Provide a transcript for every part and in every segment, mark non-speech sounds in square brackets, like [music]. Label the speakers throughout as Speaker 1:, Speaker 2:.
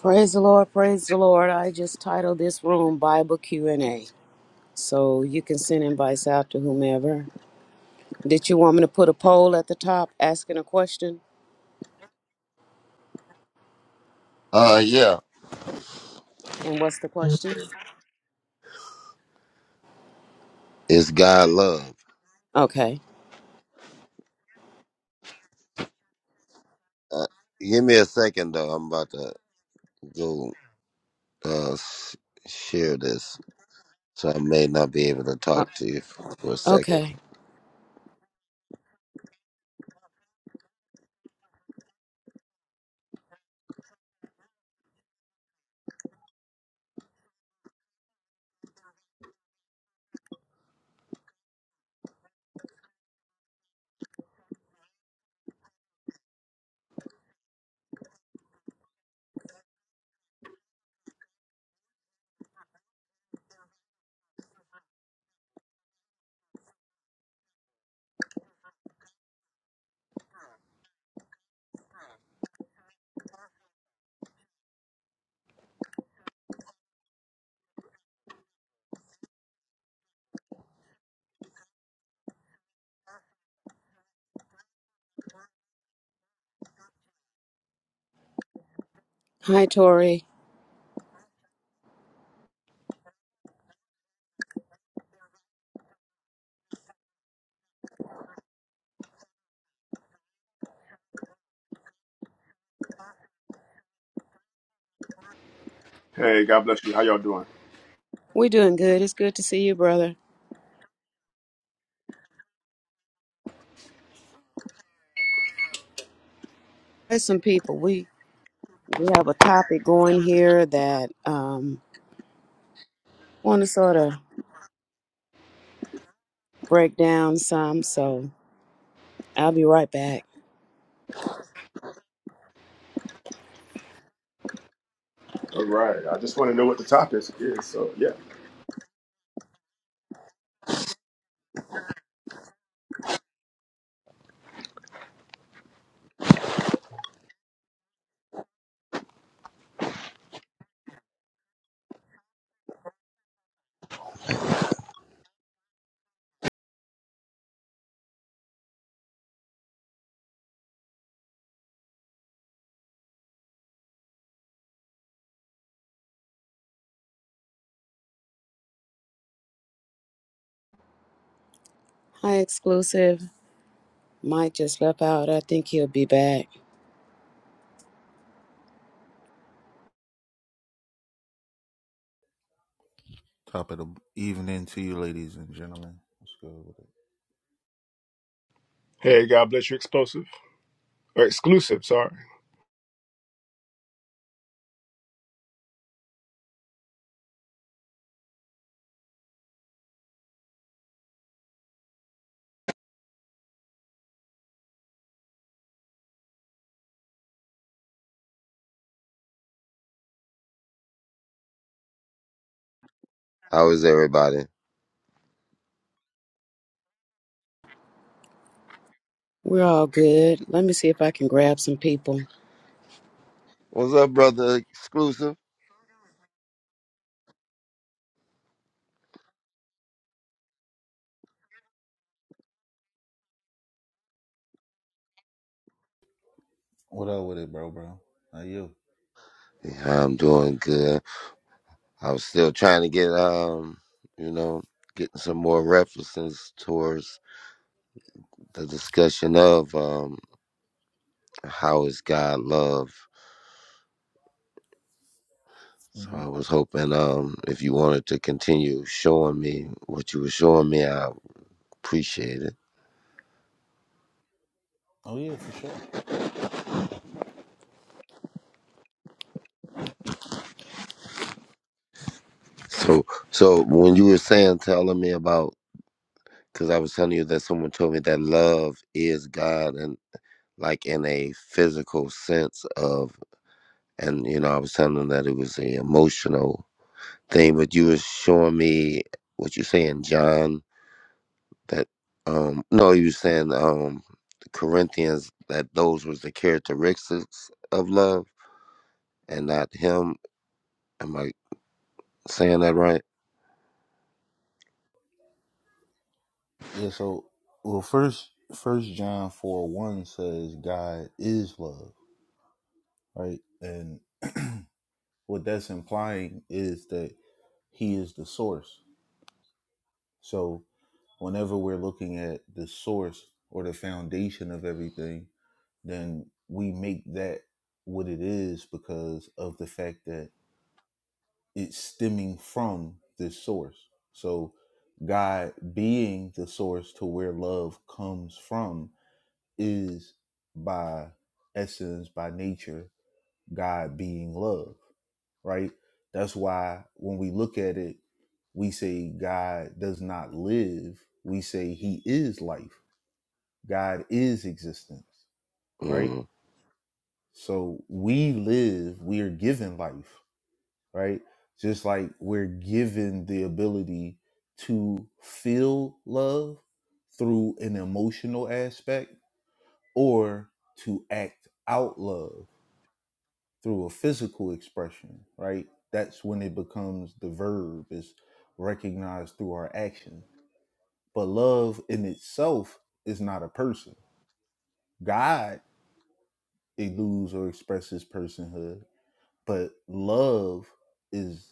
Speaker 1: Praise the Lord, praise the Lord. I just titled this room Bible Q&A. So you can send invites out to whomever. Did you want me to put a poll at the top asking a question?
Speaker 2: Uh, yeah.
Speaker 1: And what's the question?
Speaker 2: It's God love.
Speaker 1: Okay.
Speaker 2: Uh, give me a second though. I'm about to go uh s- share this, so I may not be able to talk
Speaker 1: Uh,
Speaker 2: to you for for a second.
Speaker 1: okay. Hi Tori.
Speaker 3: Hey, God bless you. How y'all doing?
Speaker 1: We doing good. It's good to see you, brother. There's some people. We we have a topic going here that um want to sort of break down some, so I'll be right back.
Speaker 3: All right. I just want to know what the topic is. So yeah.
Speaker 1: Hi exclusive. Mike just left out. I think he'll be back.
Speaker 4: Top of the evening to you, ladies and gentlemen. What's good with it?
Speaker 3: Hey, God bless you. Explosive or exclusive? Sorry.
Speaker 2: How is everybody?
Speaker 1: We're all good. Let me see if I can grab some people.
Speaker 2: What's up, brother? Exclusive.
Speaker 4: What up with it, bro, bro? How you?
Speaker 2: Yeah, I'm doing good. I was still trying to get um, you know, getting some more references towards the discussion of um, how is God love So
Speaker 4: hmm
Speaker 2: I was hoping um if you wanted to continue showing me what you were showing me, I appreciate it.
Speaker 4: Oh yeah, for sure.
Speaker 2: So so when you were saying telling me about because I was telling you that someone told me that love is God and like in a physical sense of and you know, I was telling them that it was an emotional thing, but you were showing me what you saying, John, that um no, you were saying um the Corinthians that those was the characteristics of love and not him. Am I saying that right?
Speaker 4: Yeah. So, well, first, First John four one says God is love, right? And [clears throat] what that's implying is that He is the source. So, whenever we're looking at the source or the foundation of everything, then we make that what it is because of the fact that it's stemming from this source. So God being the source to where love comes from is by essence, by nature, God being love, right? That's why when we look at it, we say God does not live. We say he is life. God is existence, right?
Speaker 2: Mm.
Speaker 4: So we live, we are given life. right? Just like we're given the ability to feel love through an emotional aspect or to act out love through a physical expression, right? That's when it becomes the verb is recognized through our action. But love in itself is not a person. God eludes or expresses personhood, but love is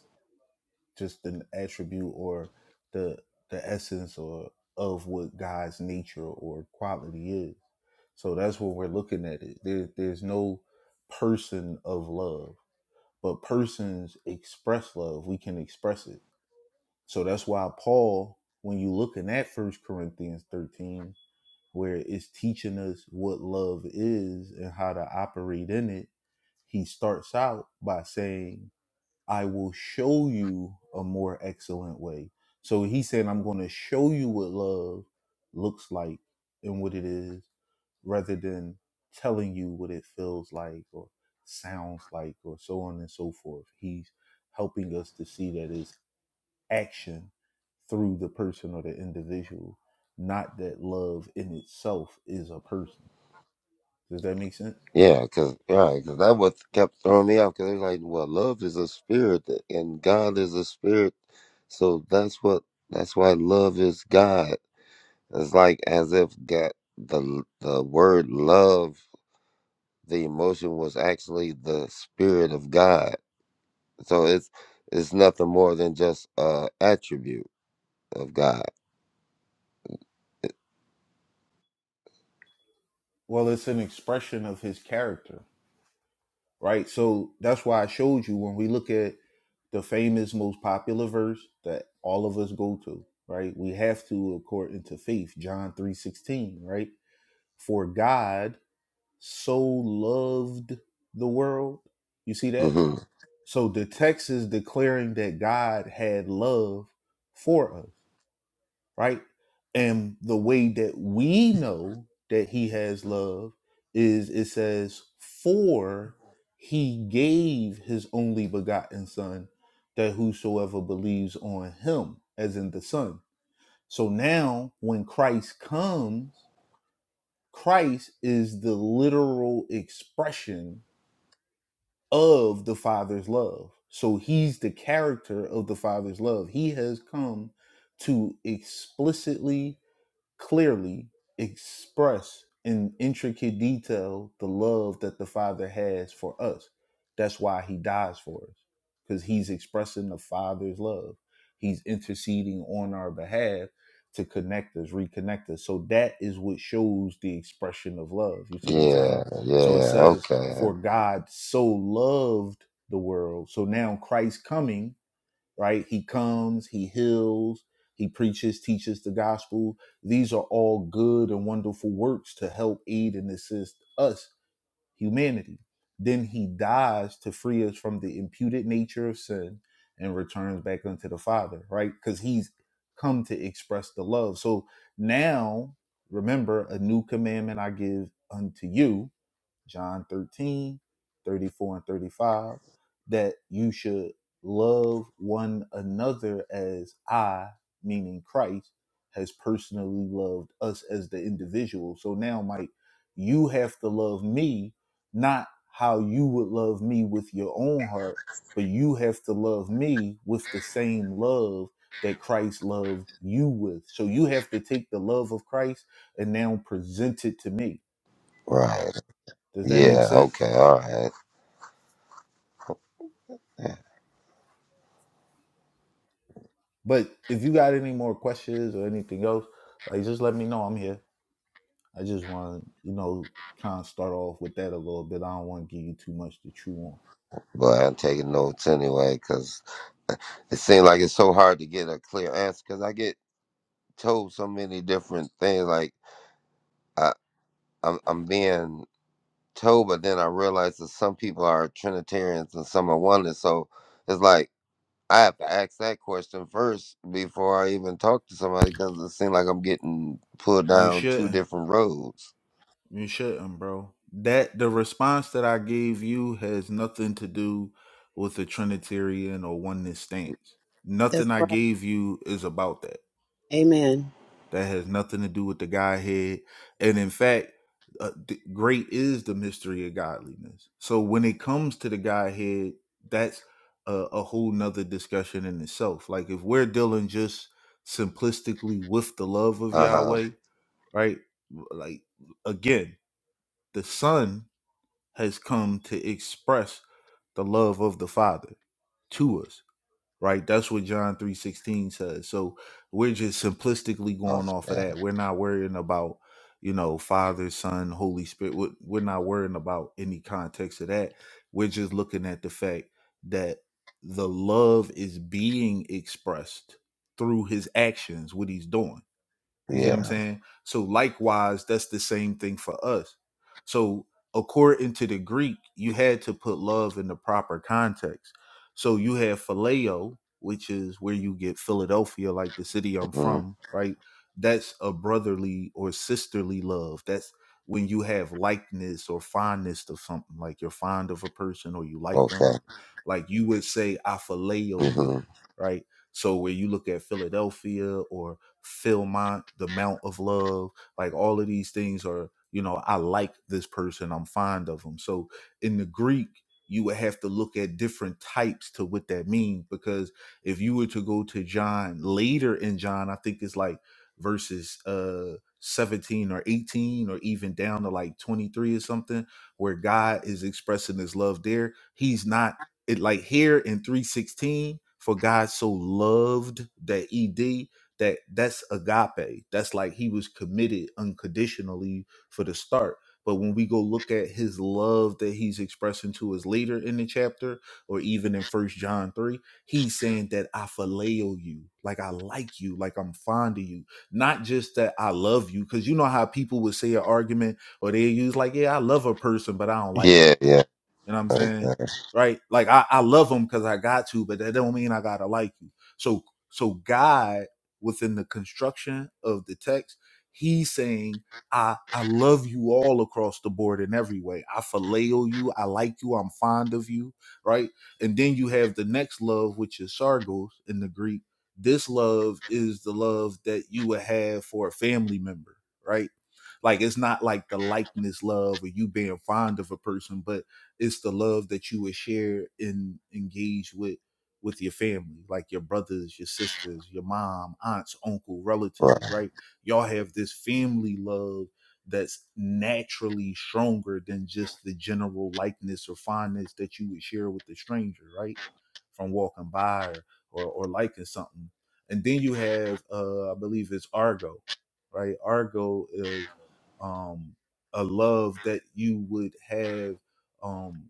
Speaker 4: just an attribute or the the essence or of what God's nature or quality is. So that's what we're looking at it. There there's no person of love, but persons express love. We can express it. So that's why Paul, when you looking at First Corinthians 13, where it's teaching us what love is and how to operate in it, he starts out by saying I will show you a more excellent way. So he said, I'm going to show you what love looks like and what it is rather than telling you what it feels like or sounds like or so on and so forth. He's helping us to see that it's action through the person or the individual, not that love in itself is a person. Does that make sense?
Speaker 2: Yeah, because cause that what kept throwing me off. Because they're like, well, love is a spirit, and God is a spirit, so that's what that's why love is God. It's like as if God, the the word love, the emotion was actually the spirit of God. So it's it's nothing more than just a attribute of God.
Speaker 4: Well, it's an expression of his character. right? So that's why I showed you when we look at the famous, most popular verse that all of us go to, right? We have to according to faith, John three sixteen, right? For God so loved the world. You see that?
Speaker 2: hmm
Speaker 4: So the text is declaring that God had love for us right? And the way that we know that he has love is it says, For he gave his only begotten son that whosoever believes on him, as in the son. So now when Christ comes, Christ is the literal expression of the Father's love. So he's the character of the Father's love. He has come to explicitly clearly express in intricate detail the love that the Father has for us. That's why he dies for us, because he's expressing the Father's love. He's interceding on our behalf to connect us, reconnect us. So that is what shows the expression of love. You see what I'm saying?
Speaker 2: Yeah,
Speaker 4: So it
Speaker 2: yeah,
Speaker 4: says,
Speaker 2: okay,
Speaker 4: For God so loved the world. So now Christ coming right? He comes, he heals, he preaches, teaches the gospel. These are all good and wonderful works to help aid and assist us, humanity. Then he dies to free us from the imputed nature of sin and returns back unto the Father, right? Because he's come to express the love. So now, remember, a new commandment I give unto you John 13, 34 and 35, that you should love one another as I, meaning Christ, has personally loved us as the individual. So now, Mike, you have to love me, not how you would love me with your own heart, but you have to love me with the same love that Christ loved you with. So you have to take the love of Christ and now present it to me.
Speaker 2: right.
Speaker 4: Does that make
Speaker 2: Yeah,
Speaker 4: sense?
Speaker 2: okay, all right. Yeah.
Speaker 4: But if you got any more questions or anything else, like just let me know. I'm here. I just want to, you know, kind of start off with that a little bit. I don't want to give you too much to chew on.
Speaker 2: But I'm taking notes anyway because it seems like it's so hard to get a clear answer because I get told so many different things. Like I, I'm, I'm being told, but then I realize that some people are Trinitarians and some are oneness. So it's like I have to ask that question first before I even talk to somebody because it seems like I'm getting pulled
Speaker 4: You
Speaker 2: down two
Speaker 4: shouldn't.
Speaker 2: different roads.
Speaker 4: You shouldn't, bro. That the response that I gave you has nothing to do with the Trinitarian or oneness stance.
Speaker 1: That's
Speaker 4: Nothing I
Speaker 1: right.
Speaker 4: gave you is about that.
Speaker 1: Amen.
Speaker 4: That has nothing to do with the Godhead. And in fact, uh, th- great is the mystery of godliness. So when it comes to the Godhead, that's a, a whole nother discussion in itself. Like if we're dealing just simplistically with the love of
Speaker 2: Uh huh.
Speaker 4: Yahweh, right? Like again, the Son has come to express the love of the Father to us right? That's what John 3:16 says. So we're just simplistically going
Speaker 2: Off
Speaker 4: off of
Speaker 2: that.
Speaker 4: that. We're not worrying about, you know, Father, Son, Holy Spirit. We're we're not worrying about any context of that. We're just looking at the fact that the love is being expressed through his actions, what he's doing. You see what I'm
Speaker 2: Yeah.
Speaker 4: saying? So likewise, that's the same thing for us. So according to the Greek, you had to put love in the proper context. So you have phileo, which is where you get Philadelphia, like the city I'm
Speaker 2: hmm
Speaker 4: from, right? That's a brotherly or sisterly love. That's when you have likeness or fondness of something, like you're fond of a person or you like
Speaker 2: Okay.
Speaker 4: them. Like you would say, I phileo you,
Speaker 2: hmm
Speaker 4: right? So where you look at Philadelphia or feel my the amount of love like all of these things are you know i like this person i'm fond of them so in the greek you would have to look at different types to what that means because if you were to go to john later in john i think it's like verses uh 17 or 18 or even down to like 23 or something where god is expressing his love there he's not it like here in 316 for god so loved that ed that that's agape that's like he was committed unconditionally for the start but when we go look at his love that he's expressing to us later in the chapter or even in first john 3 he's saying that i phileo you like i like you like i'm fond of you not just that i love you because you know how people would say an argument or they use like yeah i love a person but i don't like them
Speaker 2: Yeah. Yeah.
Speaker 4: you know what I'm
Speaker 2: Okay.
Speaker 4: saying? Right? Like I, I love them because I got to, but that don't mean I gotta like you. So so God within the construction of the text, he's saying, I I love you all across the board in every way. I phileo you, I like you, I'm fond of you, right? And then you have the next love, which is sargos in the Greek. This love is the love that you would have for a family member, right? Like it's not like the likeness love or you being fond of a person, but it's the love that you would share and engage with with your family like your brothers your sisters your mom aunts uncle
Speaker 2: Right.
Speaker 4: relatives right y'all have this family love that's naturally stronger than just the general likeness or fondness that you would share with the stranger right from walking by or or, or liking something and then you have uh i believe it's argo right argo is um a love that you would have um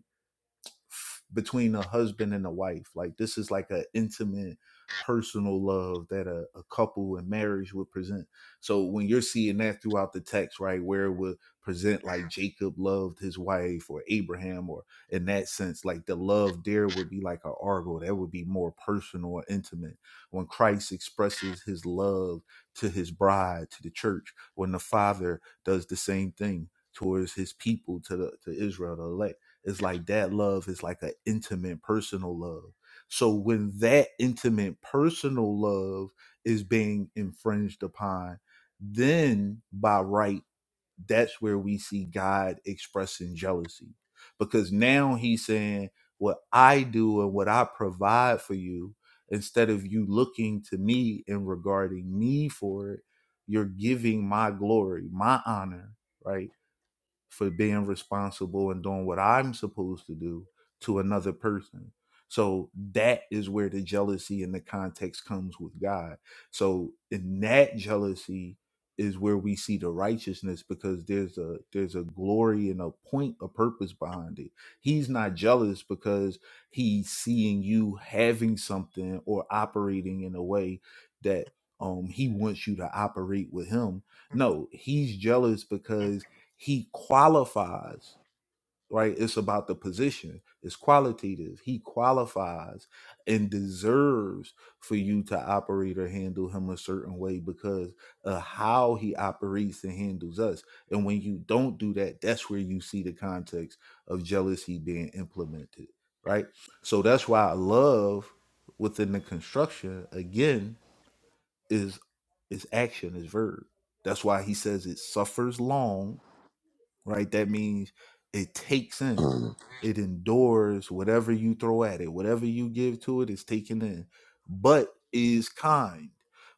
Speaker 4: f- between a husband and a wife like this is like an intimate personal love that a, a couple in marriage would present so when you're seeing that throughout the text right where it would present like jacob loved his wife or abraham or in that sense like the love there would be like an argo that would be more personal or intimate when christ expresses his love to his bride to the church when the father does the same thing towards his people to the to israel the elect is like that love is like an intimate, personal love. So when that intimate, personal love is being infringed upon, then by right, that's where we see God expressing jealousy. Because now he's saying, what I do and what I provide for you, instead of you looking to me and regarding me for it, you're giving my glory, my honor, right? for being responsible and doing what I'm supposed to do to another person. So that is where the jealousy and the context comes with God. So in that jealousy is where we see the righteousness because there's a there's a glory and a point a purpose behind it. He's not jealous because he's seeing you having something or operating in a way that um he wants you to operate with him. No, he's jealous because he qualifies right it's about the position it's qualitative he qualifies and deserves for you to operate or handle him a certain way because of how he operates and handles us and when you don't do that that's where you see the context of jealousy being implemented right so that's why love within the construction again is is action is verb that's why he says it suffers long right? That means it takes in,
Speaker 2: Mm.
Speaker 4: it endures whatever you throw at it, whatever you give to it is taken in, but is kind,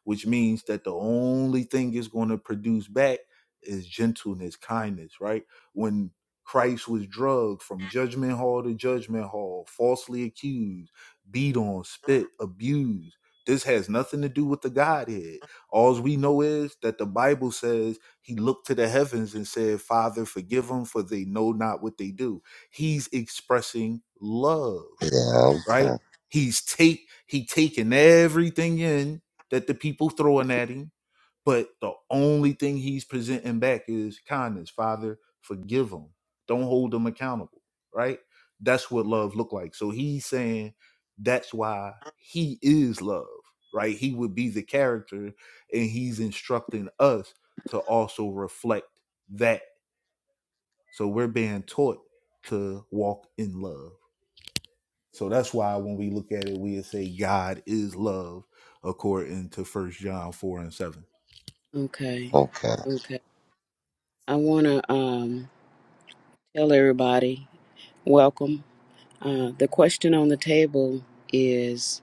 Speaker 4: which means that the only thing it's going to produce back is gentleness, kindness, right? When Christ was drugged from judgment hall to judgment hall, falsely accused, beat on, spit, abused. This has nothing to do with the Godhead. All we know is that the Bible says he looked to the heavens and said, Father, forgive them, for they know not what they do. He's expressing love,
Speaker 2: Yeah.
Speaker 4: right?
Speaker 2: Okay.
Speaker 4: He's take he taking everything in that the people throwing at him but the only thing he's presenting back is kindness. Father, forgive them. Don't hold them accountable. Right? That's what love look like. So he's saying that's why he is love. Right? He would be the character, and he's instructing us to also reflect that. So we're being taught to walk in love. So that's why when we look at it, we say God is love according to First John four and seven.
Speaker 1: Okay.
Speaker 2: Okay.
Speaker 1: Okay. I want to um, tell everybody welcome. Uh, the question on the table is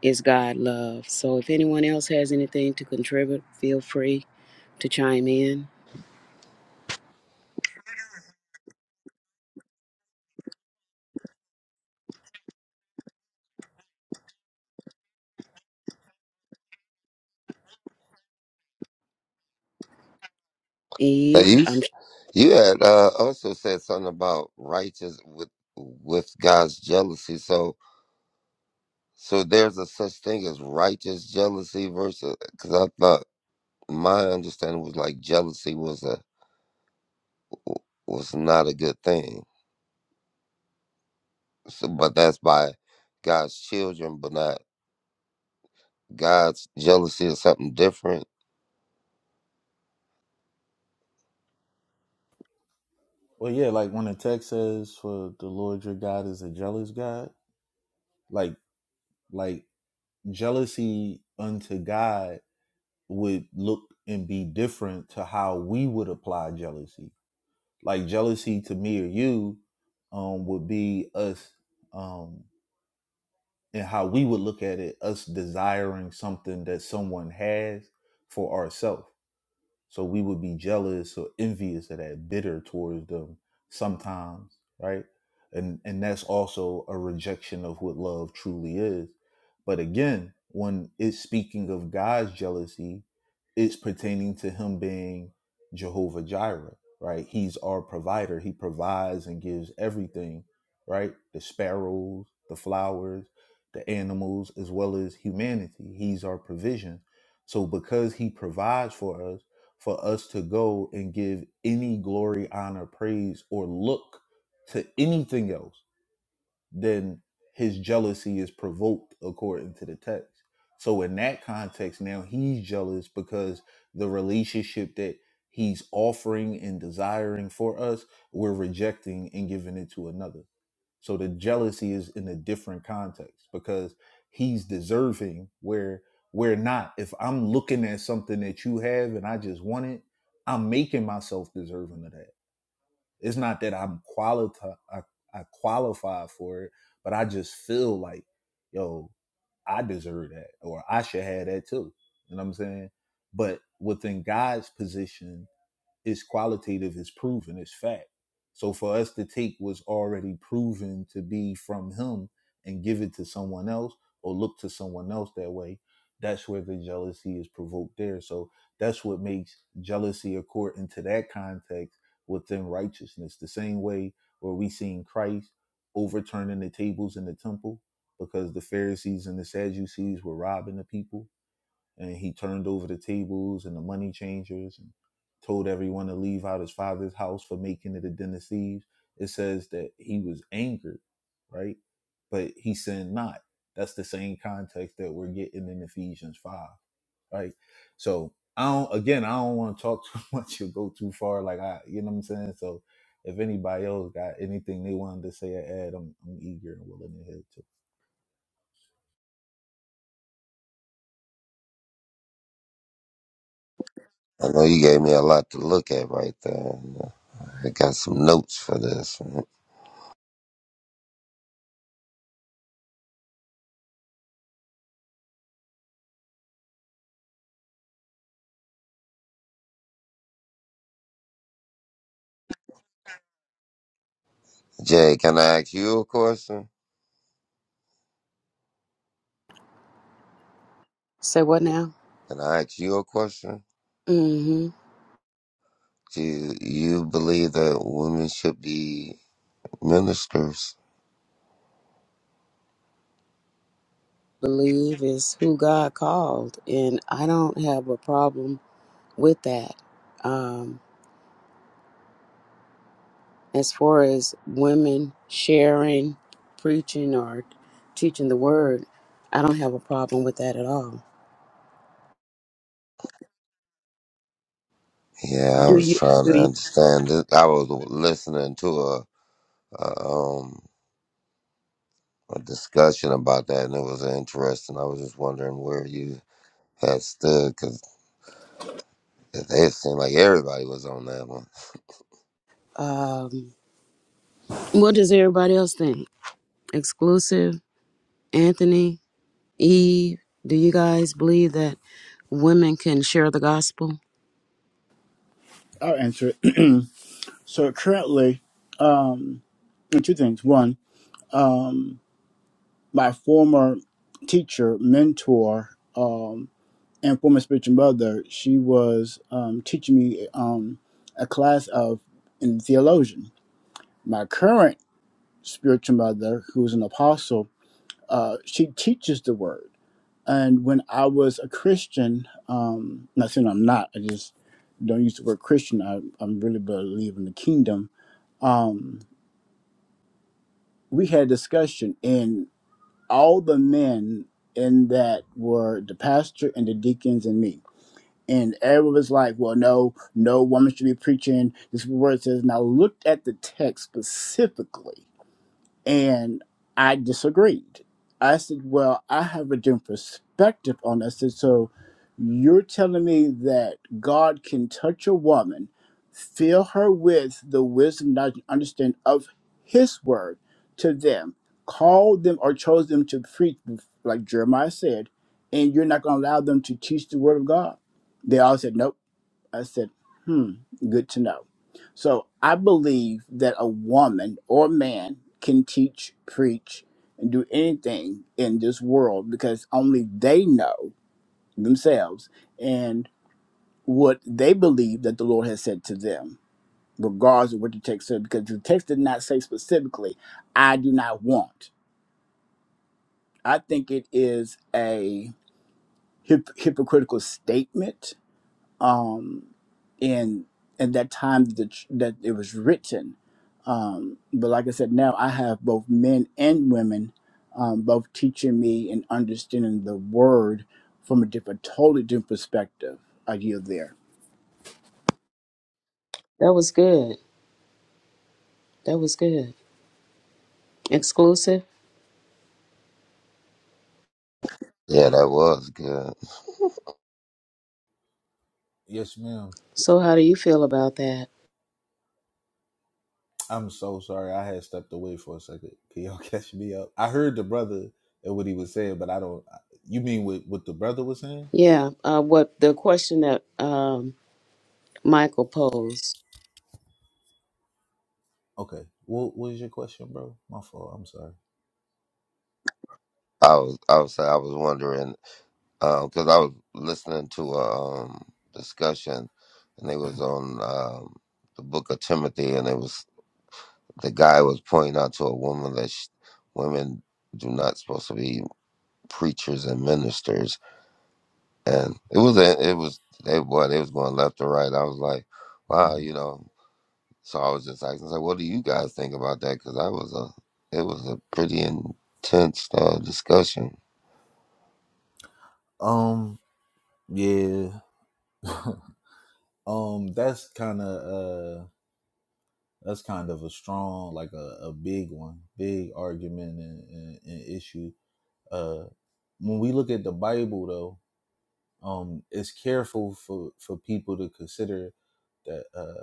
Speaker 1: Is God love? So if anyone else has anything to contribute, feel free to chime in.
Speaker 2: Now
Speaker 1: Eve,
Speaker 2: you
Speaker 1: I'm
Speaker 2: s- you had uh, also said something about righteous with with God's jealousy. So so there's a such thing as righteous jealousy versus because I thought my understanding was like jealousy was a was not a good thing. So, but that's by God's children, but not God's jealousy is something different.
Speaker 4: Well, yeah, like when the text says, "For the Lord your God is a jealous God," like like jealousy unto God would look and be different to how we would apply jealousy. Like jealousy to me or you um, would be us, um, and how we would look at it, us desiring something that someone has for ourselves So we would be jealous or envious of that, bitter towards them sometimes, right? And and that's also a rejection of what love truly is. But again, when it's speaking of God's jealousy, it's pertaining to him being Jehovah Jireh, right? He's our provider. He provides and gives everything, right? The sparrows, the flowers, the animals, as well as humanity. He's our provision. So because he provides for us, for us to go and give any glory, honor, praise, or look to anything else then his jealousy is provoked according to the text. So in that context, now he's jealous because the relationship that he's offering and desiring for us, we're rejecting and giving it to another. So the jealousy is in a different context because he's deserving where we're not. If I'm looking at something that you have and I just want it, I'm making myself deserving of that it's not that I'm qualified, I, I qualify for it, but I just feel like, yo, I deserve that, or I should have that too. You know what I'm saying? But within God's position, it's qualitative, it's proven, it's fact. So for us to take what's already proven to be from him and give it to someone else or look to someone else that way, that's where the jealousy is provoked there. So that's what makes jealousy according to that context within righteousness. The same way where we seen Christ overturning the tables in the temple because the Pharisees and the Sadducees were robbing the people and he turned over the tables and the money changers and told everyone to leave out his father's house for making it a den of thieves. It says that he was angered, right? But he sinned not. That's the same context that we're getting in Ephesians five, right? So I don't again I don't want to talk too [laughs] much or go too far. Like I you know what I'm saying? So if anybody else got anything they wanted to say or add, I'm I'm eager and willing to hear it too.
Speaker 2: I know you gave me a lot to look at right there. I got some notes for this. Jay, can I ask you a question?
Speaker 1: say what now?
Speaker 2: Can I ask you a question?
Speaker 1: Mm hmm.
Speaker 2: Do you believe that women should be ministers?
Speaker 1: believe is who God called, and I don't have a problem with that. Um, as far as women sharing, preaching, or teaching the word, I don't have a problem with that at all.
Speaker 2: Yeah, I was trying to understand this. I was listening to a, a um a discussion about that, and it was interesting. I was just wondering where you had stood because it seemed like everybody was on that one.
Speaker 1: Um, what does everybody else think? Exclusive, Anthony, Eve, do you guys believe that women can share the gospel?
Speaker 5: I'll answer it. [clears throat] so currently, um, two things. One, my former teacher, mentor, um, and former spiritual mother, she was um, teaching me um, a class of in theologian. My current spiritual mother, who is an apostle, uh, she teaches the word. And when I was a Christian, um, not saying I'm not, I just don't use the word Christian. I, I'm really believe in the kingdom. Um, we had a discussion and all the men in that were the pastor and the deacons and me and everyone was like well no no woman should be preaching this is what it says and i looked at the text specifically and I disagreed. I said, Well, I have a different perspective on this. And so you're telling me that God can touch a woman, fill her with the wisdom, knowledge, and understanding of his word to them, call them or chose them to preach, like Jeremiah said, and you're not going to allow them to teach the word of God. They all said, Nope. I said, hmm, good to know. So I believe that a woman or man can teach, preach, and do anything in this world because only they know themselves and what they believe that the Lord has said to them, regardless of what the text said, because the text did not say specifically, I do not want. I think it is a hyp- hypocritical statement um, and at that time that, the, ch- that it was written. Um, but like I said, now I have both men and women, um, both teaching me and understanding the word from a different, totally different perspective. I yield there,
Speaker 1: That was good. That was good. Exclusive.
Speaker 2: Yeah, that was good.
Speaker 4: Yes, ma'am.
Speaker 1: So, how do you feel about that?
Speaker 4: I'm so sorry. I had stepped away for a second. Can y'all [laughs] catch me up? I heard the brother and what he was saying, but I don't. You mean what what the brother was saying?
Speaker 1: Yeah, uh, what the question that um, Michael posed.
Speaker 4: Okay. What was your question, bro? My fault. I'm sorry.
Speaker 2: I was I was I was wondering. because I was listening to a um, discussion, and it was on um, the Book of Timothy, and it was the guy was pointing out to a woman that sh women do not supposed to be preachers and ministers, and it was a, it was they boy they was going left to right. I was like, wow, you know. So I was just asking, like, what do you guys think about that? Because I was a it was a pretty intense uh, discussion.
Speaker 4: [laughs] um. Yeah. [laughs] Um. That's kind of uh. That's kind of a strong, like a, a big one, big argument and, and, and issue. Uh, when we look at the Bible, though, um, it's careful for for people to consider that. Uh,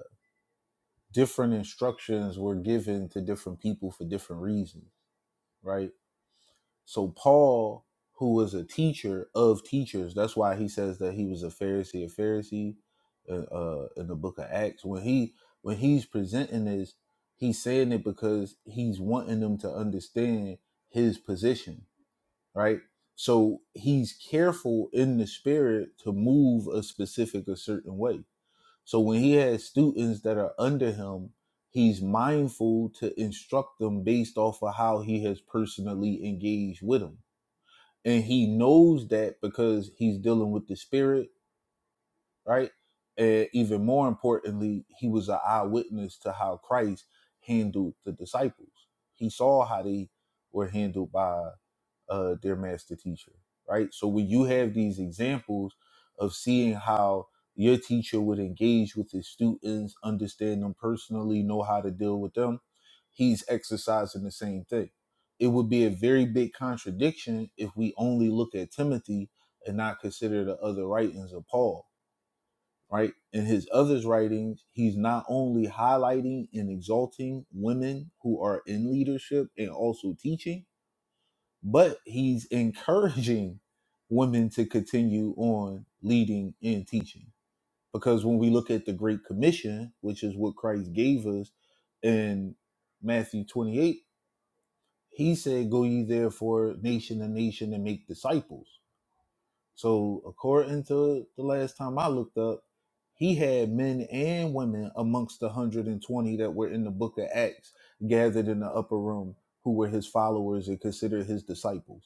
Speaker 4: different instructions were given to different people for different reasons, right? So Paul, who was a teacher of teachers, that's why he says that he was a Pharisee of Pharisees uh, uh, in the book of Acts. When he when he's presenting this, he's saying it because he's wanting them to understand his position, right? So he's careful in the spirit to move a specific a certain way so when he has students that are under him, he's mindful to instruct them based off of how he has personally engaged with them. And he knows that because he's dealing with the spirit, right? And even more importantly, he was an eyewitness to how Christ handled the disciples. He saw how they were handled by uh, their master teacher, right? So when you have these examples of seeing how your teacher would engage with his students, understand them personally, know how to deal with them, he's exercising the same thing. It would be a very big contradiction if we only look at Timothy and not consider the other writings of Paul, right? In his other writings, he's not only highlighting and exalting women who are in leadership and also teaching, but he's encouraging women to continue on leading and teaching. Because when we look at the Great Commission, which is what Christ gave us in Matthew 28, he said, Go ye therefore nation to nation and make disciples. So, according to the last time I looked up, he had men and women amongst the 120 that were in the book of Acts gathered in the upper room who were his followers and considered his disciples.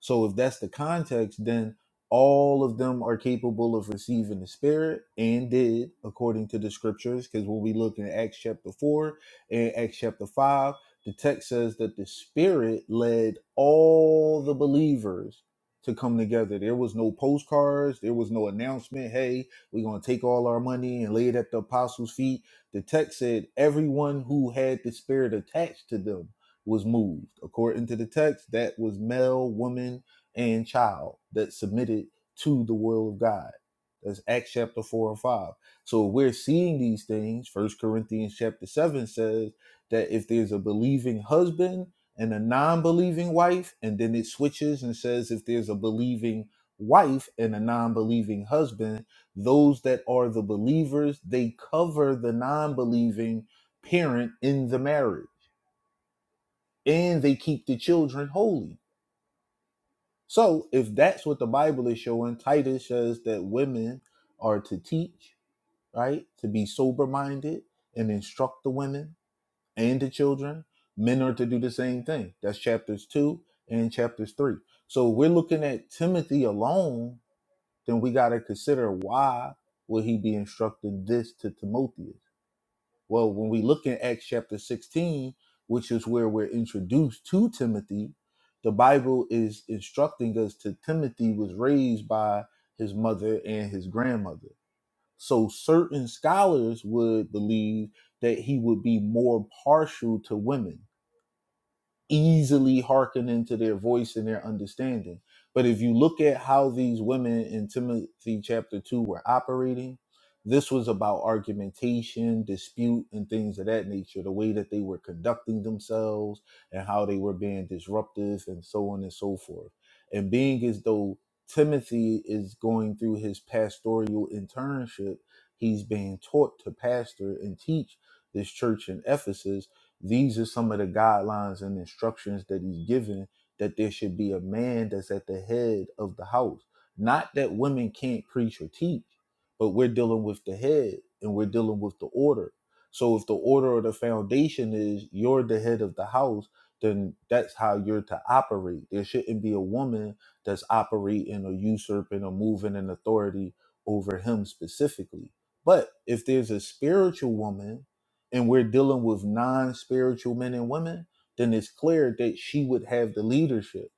Speaker 4: So if that's the context, then all of them are capable of receiving the Spirit and did according to the scriptures. Because when we look in Acts chapter 4 and Acts chapter 5, the text says that the Spirit led all the believers to come together. There was no postcards, there was no announcement, hey, we're going to take all our money and lay it at the apostles' feet. The text said everyone who had the Spirit attached to them was moved. According to the text, that was male, woman, and child that submitted to the will of God. That's Acts chapter 4 and 5. So we're seeing these things. First Corinthians chapter 7 says that if there's a believing husband and a non believing wife, and then it switches and says if there's a believing wife and a non believing husband, those that are the believers, they cover the non believing parent in the marriage and they keep the children holy. So, if that's what the Bible is showing, Titus says that women are to teach, right? To be sober minded and instruct the women and the children. Men are to do the same thing. That's chapters two and chapters three. So, if we're looking at Timothy alone, then we got to consider why would he be instructing this to Timothy? Well, when we look in Acts chapter 16, which is where we're introduced to Timothy, the Bible is instructing us that Timothy was raised by his mother and his grandmother. So certain scholars would believe that he would be more partial to women easily hearken into their voice and their understanding. But if you look at how these women in Timothy chapter 2 were operating, this was about argumentation, dispute, and things of that nature, the way that they were conducting themselves and how they were being disruptive and so on and so forth. And being as though Timothy is going through his pastoral internship, he's being taught to pastor and teach this church in Ephesus these are some of the guidelines and instructions that he's given that there should be a man that's at the head of the house. Not that women can't preach or teach, but we're dealing with the head and we're dealing with the order. So if the order or the foundation is you're the head of the house, then that's how you're to operate. There shouldn't be a woman that's operating or usurping or moving in authority over him specifically. But if there's a spiritual woman and we're dealing with non-spiritual men and women, then it's clear that she would have the leadership.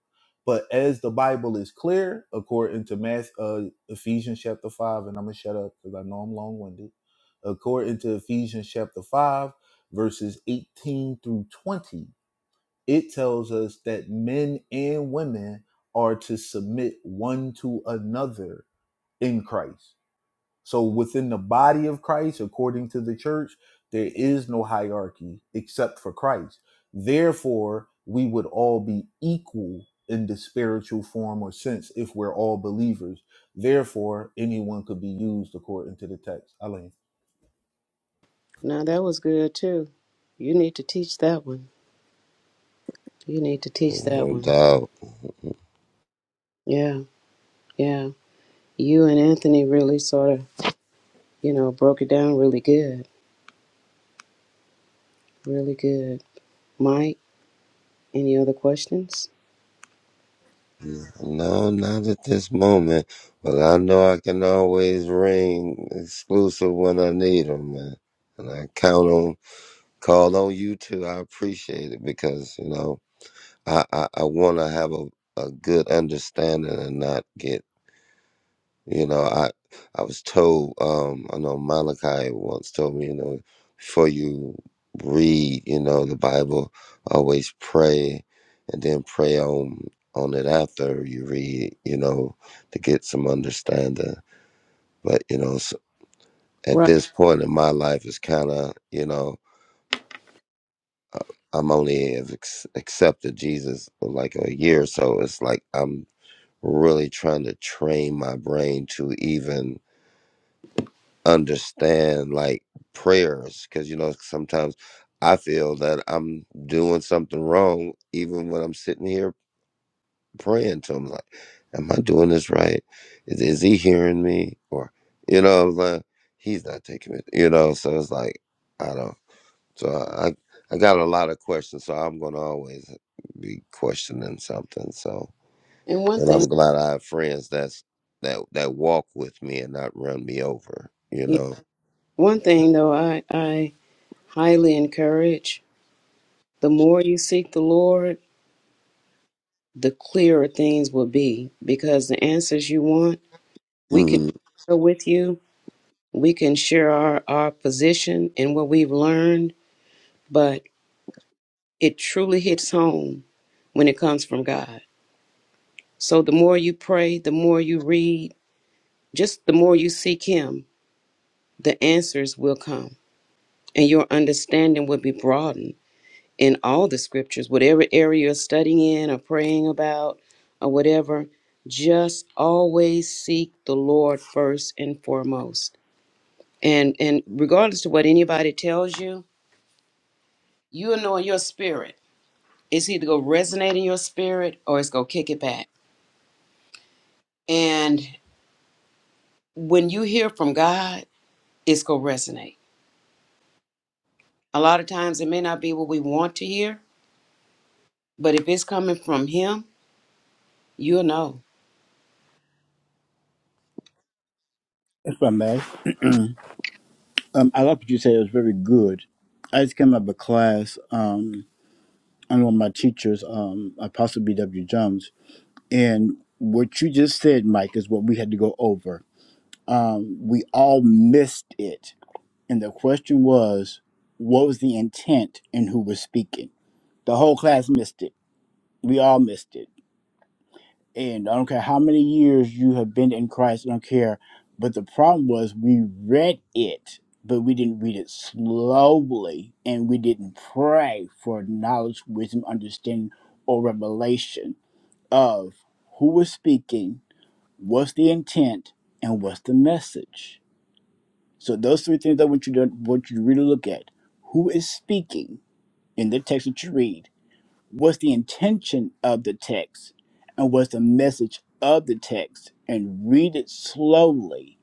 Speaker 4: But as the Bible is clear, according to Math, uh, Ephesians chapter five, and I'm gonna shut up because I know I'm long-winded. According to Ephesians chapter five, verses 18 through 20, it tells us that men and women are to submit one to another in Christ. So within the body of Christ, according to the church, there is no hierarchy except for Christ. Therefore, we would all be equal in the spiritual form or sense if we're all believers. Therefore, anyone could be used according to the text. Elaine.
Speaker 1: Now that was good too. You need to teach that one. You need to teach that
Speaker 2: No
Speaker 1: one.
Speaker 2: doubt.
Speaker 1: Yeah, yeah. You and Anthony really sort of, you know, broke it down really good. Really good. Mike, any other questions?
Speaker 2: No, not at this moment. But I know I can always ring exclusive when I need them, man. And I count on, call on you too. I appreciate it because, you know, I, I, I want to have a, a good understanding and not get you know, I I was told, um, I know Malachi once told me, you know, before you read, you know, the Bible, always pray and then pray on on it after you read, you know, to get some understanding. But, you know, s at
Speaker 1: Right.
Speaker 2: this point in my life, it's kind of, you know, I'm only have ex- accepted Jesus for like a year, so it's like I'm really trying to train my brain to even understand like prayers because you know sometimes I feel that I'm doing something wrong even when I'm sitting here praying to him like am I doing this right is, is he hearing me or you know like he's not taking it you know so it's like I don't so I I I got a lot of questions so I'm gonna always be questioning something so
Speaker 1: And one
Speaker 2: and
Speaker 1: thing,
Speaker 2: I'm glad I have friends that's that that walk with me and not run me over you
Speaker 1: yeah,
Speaker 2: know
Speaker 1: one thing though, I I highly encourage. The more you seek the Lord, the clearer things will be because the answers you want, we can
Speaker 2: Mm-hmm.
Speaker 1: share with you we can share our, our position and what we've learned, but it truly hits home when it comes from God. So the more you pray, the more you read, just the more you seek Him, the answers will come and your understanding will be broadened in all the scriptures, whatever area you're studying in or praying about or whatever. Just always seek the Lord first and foremost. And and regardless to what anybody tells you, you'll know in your spirit It's either going to resonate in your spirit or it's going to kick it back. And when you hear from God, it's going to resonate. A lot of times it may not be what we want to hear, but if it's coming from Him, you'll know.
Speaker 5: if I may. Um, I like what you said; it was very good. I just came out of a class um, under one of my teachers, um, Apostle B.W. Jones, and what you just said, Mike, is what we had to go over. Um, we all missed it And the question was, what was the intent and who was speaking? The whole class missed it. We all missed it. And I don't care how many years you have been in Christ, I don't care. But the problem was we read it, but we didn't read it slowly and we didn't pray for knowledge, wisdom, understanding, or revelation of who was speaking, what's the intent, and what's the message So those three things I want you to want you to really look at: who is speaking in the text that you read, what's the intention of the text, and what's the message of the text, and read it slowly.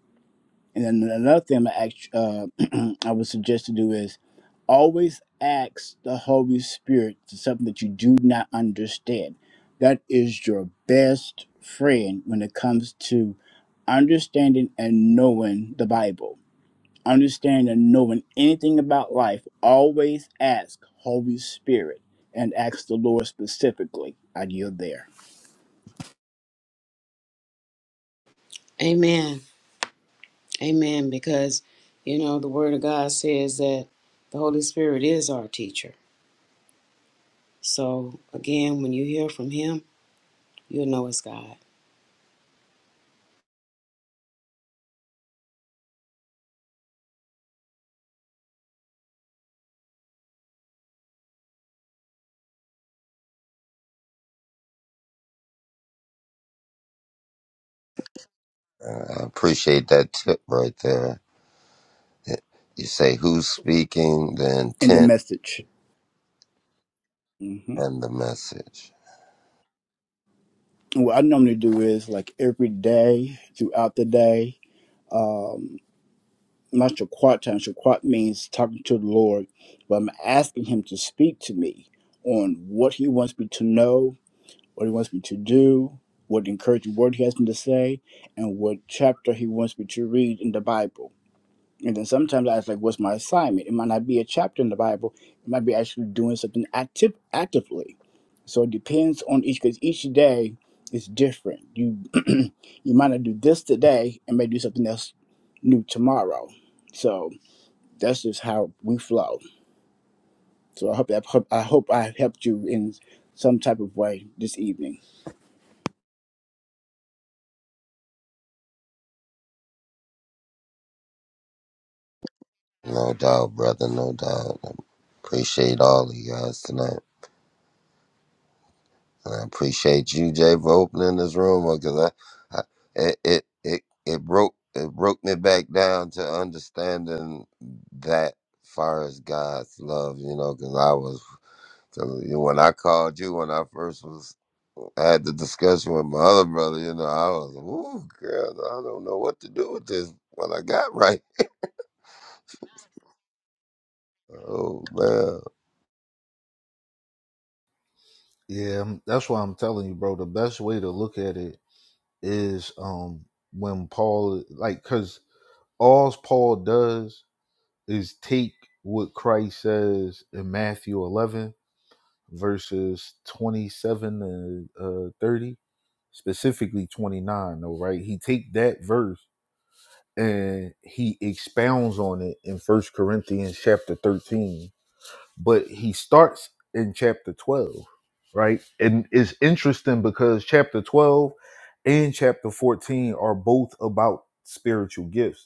Speaker 5: And then another thing I act- uh, [clears throat] I would suggest to do is always ask the Holy Spirit for something that you do not understand. That is your best friend when it comes to understanding and knowing the Bible understanding and knowing anything about life, always ask Holy Spirit and ask the Lord specifically. I yield there.
Speaker 1: Amen. Amen. Because, you know, the Word of God says that the Holy Spirit is our teacher. So, again, when you hear from Him, you'll know it's God.
Speaker 2: I appreciate that tip right there. You say who's speaking, the
Speaker 5: In the
Speaker 2: intent,
Speaker 5: message. hmm
Speaker 2: and the message.
Speaker 5: What I normally do is like every day throughout the day, um, not shaquat time. Shaquat means talking to the Lord, but I'm asking Him to speak to me on what He wants me to know, what He wants me to do, what encouraging word He has me to say, and what chapter He wants me to read in the Bible And then sometimes I ask, like, what's my assignment? It might not be a chapter in the Bible. It might be actually doing something active actively. So it depends on each because each day is different. You [clears throat] you might not do this today and may do something else new tomorrow. So that's just how we flow. So I hope that I hope I helped you in some type of way this evening.
Speaker 2: No doubt, brother, no doubt. Appreciate all of you guys tonight. And I appreciate you, Jay, for opening this room because I, I it, it it it broke it broke me back down to understanding that far as God's love, you know, because I was 'cause when I called you when I first was I had the discussion with my other brother. You know, I was, ooh, girl, I don't know what to do with this. What I got right. Oh man,
Speaker 4: Yeah, that's why I'm telling you, bro. The best way to look at it is um when Paul like cuz all Paul does is take what Christ says in Matthew 11 verses 27 and uh, 30 specifically 29 though right he take that verse and he expounds on it in first corinthians chapter 13 but he starts in chapter 12 right and it's interesting because chapter 12 and chapter 14 are both about spiritual gifts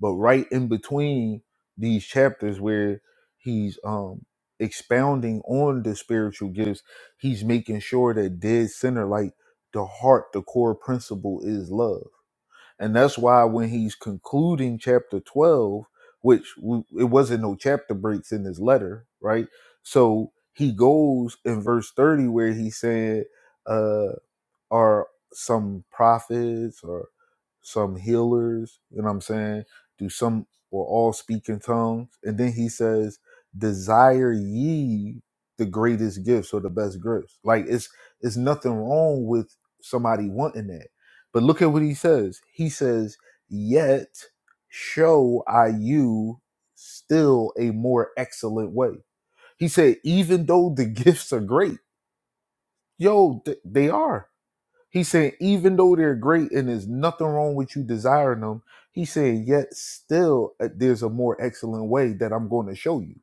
Speaker 4: but right in between these chapters where he's um expounding on the spiritual gifts he's making sure that dead center like the heart the core principle is love and that's why when he's concluding chapter 12 which w- it wasn't no chapter breaks in his letter right so he goes in verse 30 where he said uh, are some prophets or some healers, you know what I'm saying? Do some or all speak in tongues? And then he says, Desire ye the greatest gifts or the best gifts. Like it's it's nothing wrong with somebody wanting that. But look at what he says. He says, Yet show I you still a more excellent way. He said, even though the gifts are great, yo, th- they are he said, even though they're great and there's nothing wrong with you desiring them, he said, yet still uh, there's a more excellent way that I'm going to show you.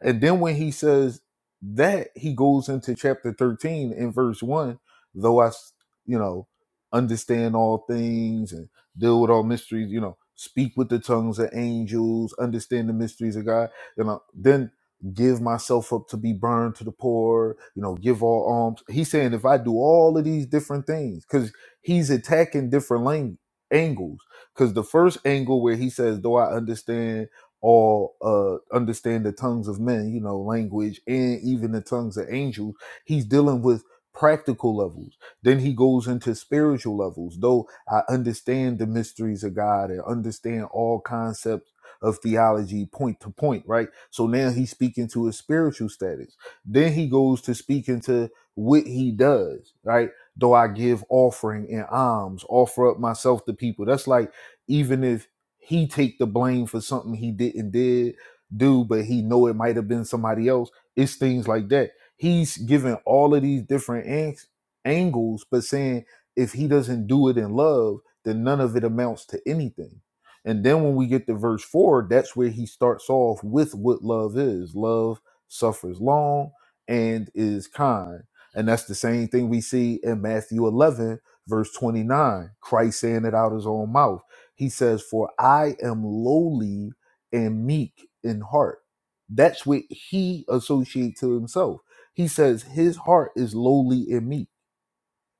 Speaker 4: And then when he says that, he goes into chapter 13 in verse 1, though I, s- you know, understand all things and deal with all mysteries, you know, speak with the tongues of angels, understand the mysteries of God, you know, then give myself up to be burned to the poor, you know, give all alms. He's saying if I do all of these different things, because he's attacking different lang- angles. Because the first angle where he says, though I understand, or uh, understand the tongues of men, you know, language, and even the tongues of angels. He's dealing with practical levels. Then he goes into spiritual levels. Though I understand the mysteries of God and understand all concepts of theology point to point, right? So now he's speaking to his spiritual status. Then he goes to speaking to what he does, right? Though I give offering and alms, offer up myself to people. That's like even if he take the blame for something he didn't did do, but he know it might have been somebody else. It's things like that. He's giving all of these different ang- angles, but saying if he doesn't do it in love, then none of it amounts to anything. And then when we get to verse four, that's where he starts off with what love is. Love suffers long and is kind. And that's the same thing we see in Matthew 11, verse 29, Christ saying it out his own mouth he says, For I am lowly and meek in heart. That's what he associates to himself. He says his heart is lowly and meek,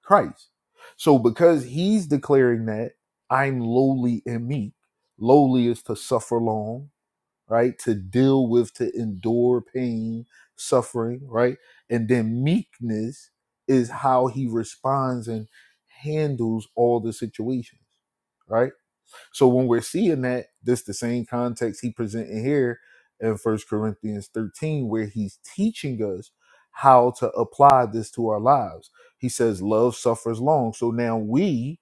Speaker 4: Christ. So because he's declaring that I'm lowly and meek, lowly is to suffer long, right? To deal with, to endure pain, suffering, right? And then meekness is how he responds and handles all the situations, right? So when we're seeing that, this the same context he presenting here in First Corinthians 13, where he's teaching us how to apply this to our lives. He says, Love suffers long. So now we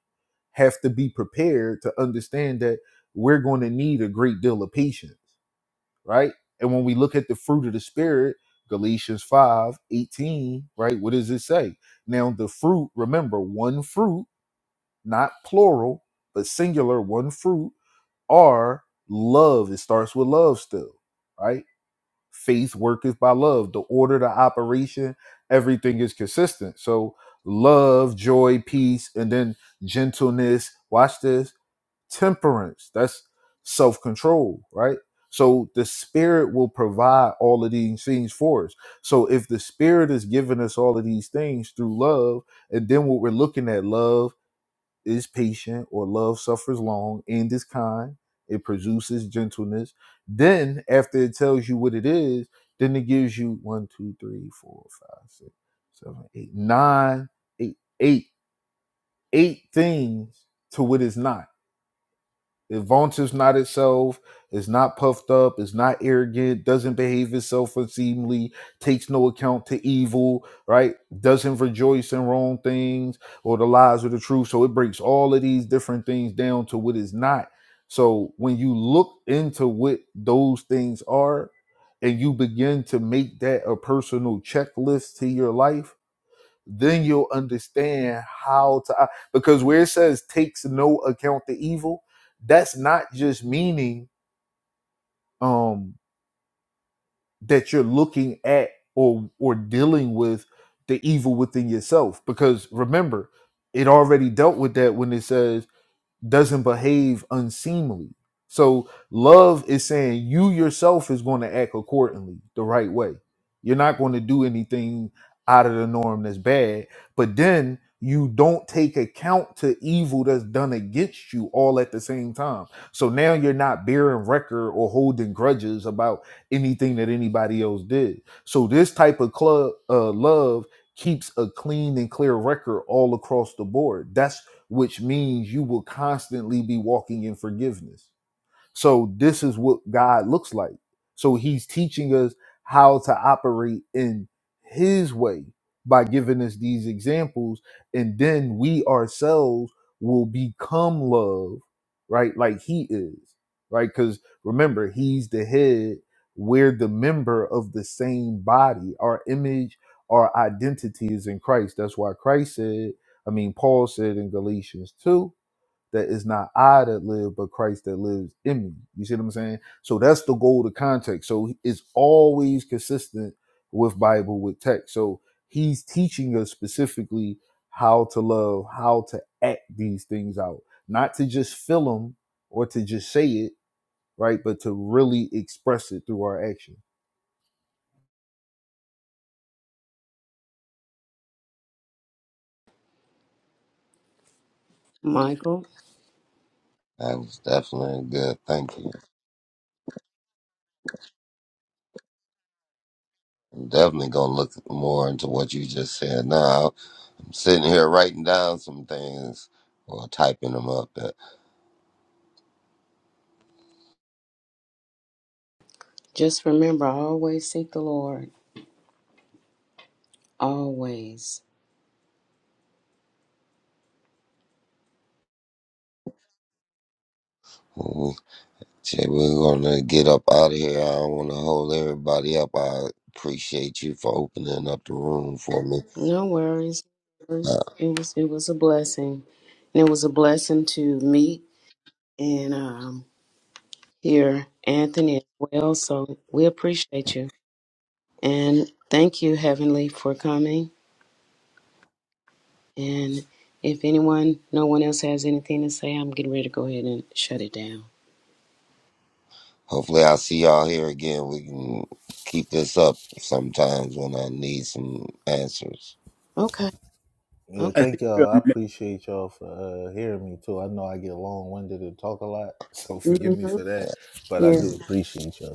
Speaker 4: have to be prepared to understand that we're going to need a great deal of patience, right? And when we look at the fruit of the spirit, Galatians 5 18, right? What does it say? Now the fruit, remember, one fruit, not plural, but singular, one fruit are love. It starts with love still, right? Faith worketh by love. The order, the operation, everything is consistent. So love, joy, peace, and then gentleness. Watch this. Temperance. That's self-control, right? So the spirit will provide all of these things for us. So if the spirit is giving us all of these things through love, and then what we're looking at, love is patient or love suffers long and is kind it produces gentleness then after it tells you what it is then it gives you one two three four five six seven eight nine eight eight eight things to what it's not it vaunts is not itself, is not puffed up, is not arrogant, doesn't behave itself unseemly, takes no account to evil, right? Doesn't rejoice in wrong things or the lies or the truth. So it breaks all of these different things down to what is not. So when you look into what those things are and you begin to make that a personal checklist to your life, then you'll understand how to uh, because where it says takes no account the evil that's not just meaning um that you're looking at or or dealing with the evil within yourself because remember it already dealt with that when it says doesn't behave unseemly. So love is saying you yourself is going to act accordingly the right way. You're not going to do anything out of the norm that's bad, but then you don't take account to evil that's done against you all at the same time. So now you're not bearing record or holding grudges about anything that anybody else did. So this type of club uh, love keeps a clean and clear record all across the board. That's which means you will constantly be walking in forgiveness so this is what God looks like. So he's teaching us how to operate in his way by giving us these examples and then we ourselves will become love, right? Like he is. Right? Cuz remember, he's the head, we're the member of the same body. Our image, our identity is in Christ. That's why Christ said, I mean Paul said in Galatians 2, that it's not I that live, but Christ that lives in me. You see what I'm saying? So that's the goal to context. So it's always consistent with Bible, with text. So he's teaching us specifically how to love, how to act these things out, not to just feel them or to just say it, right? But to really express it through our action.
Speaker 1: Michael,
Speaker 2: that was definitely good. Thank you. I'm definitely gonna look more into what you just said. Now I'm sitting here writing down some things or typing them up. But
Speaker 1: just remember always seek the Lord, always.
Speaker 2: when we say we're gonna get up out of here, I don't want to hold everybody up. I appreciate you for opening up the room for me.
Speaker 1: No worries. no
Speaker 2: Uh,
Speaker 1: worries. It was it was a blessing, and it was a blessing to meet and um, hear Anthony as well. So we appreciate you and thank you, Heavenly, for coming. And if anyone, no one else has anything to say, I'm getting ready to go ahead and shut it down.
Speaker 2: Hopefully, I'll see y'all here again. We can keep this up sometimes when I need some answers.
Speaker 1: Okay.
Speaker 4: Yeah,
Speaker 1: Okay.
Speaker 5: I
Speaker 4: thank
Speaker 5: sent you
Speaker 4: y'all.
Speaker 5: a,
Speaker 4: I
Speaker 5: me-
Speaker 4: appreciate y'all for uh, hearing me too. I know I get long winded and talk a lot, [laughs] so forgive me
Speaker 1: hmm
Speaker 4: for that. But I
Speaker 1: Yeah.
Speaker 4: do
Speaker 2: Mm,
Speaker 4: appreciate y'all.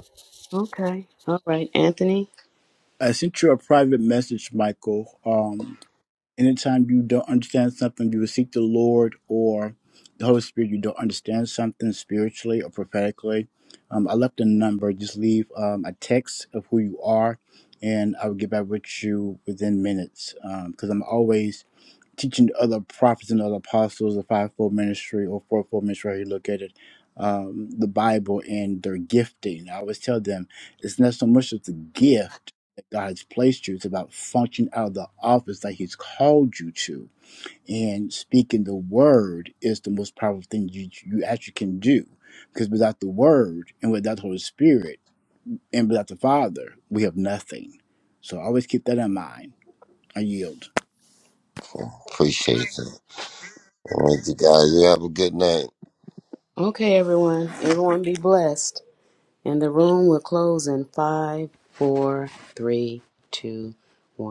Speaker 1: Okay. All right, Anthony.
Speaker 5: I sent you a private message, Michael. Um, anytime you don't understand something, you will seek the Lord or the Holy Spirit. You don't understand something spiritually or prophetically. Um, I left a number. Just leave um, a text of who you are, and I will get back with you within minutes. Because I'm always teaching other prophets and other apostles, the fivefold ministry or fourfold ministry, however you look at it, um, the Bible and their gifting. I always tell them it's not so much as the gift that God has placed you, it's about functioning out of the office that He's called you to. And speaking the word is the most powerful thing you, you actually can do. Because without the word and without the Holy Spirit and without the Father, we have nothing. So always keep that in mind. I yield.
Speaker 2: cool. Appreciate it. All right, you guys. You have a good night.
Speaker 1: Okay, everyone. Everyone, be blessed. And the room will close in five, four, three, two, one.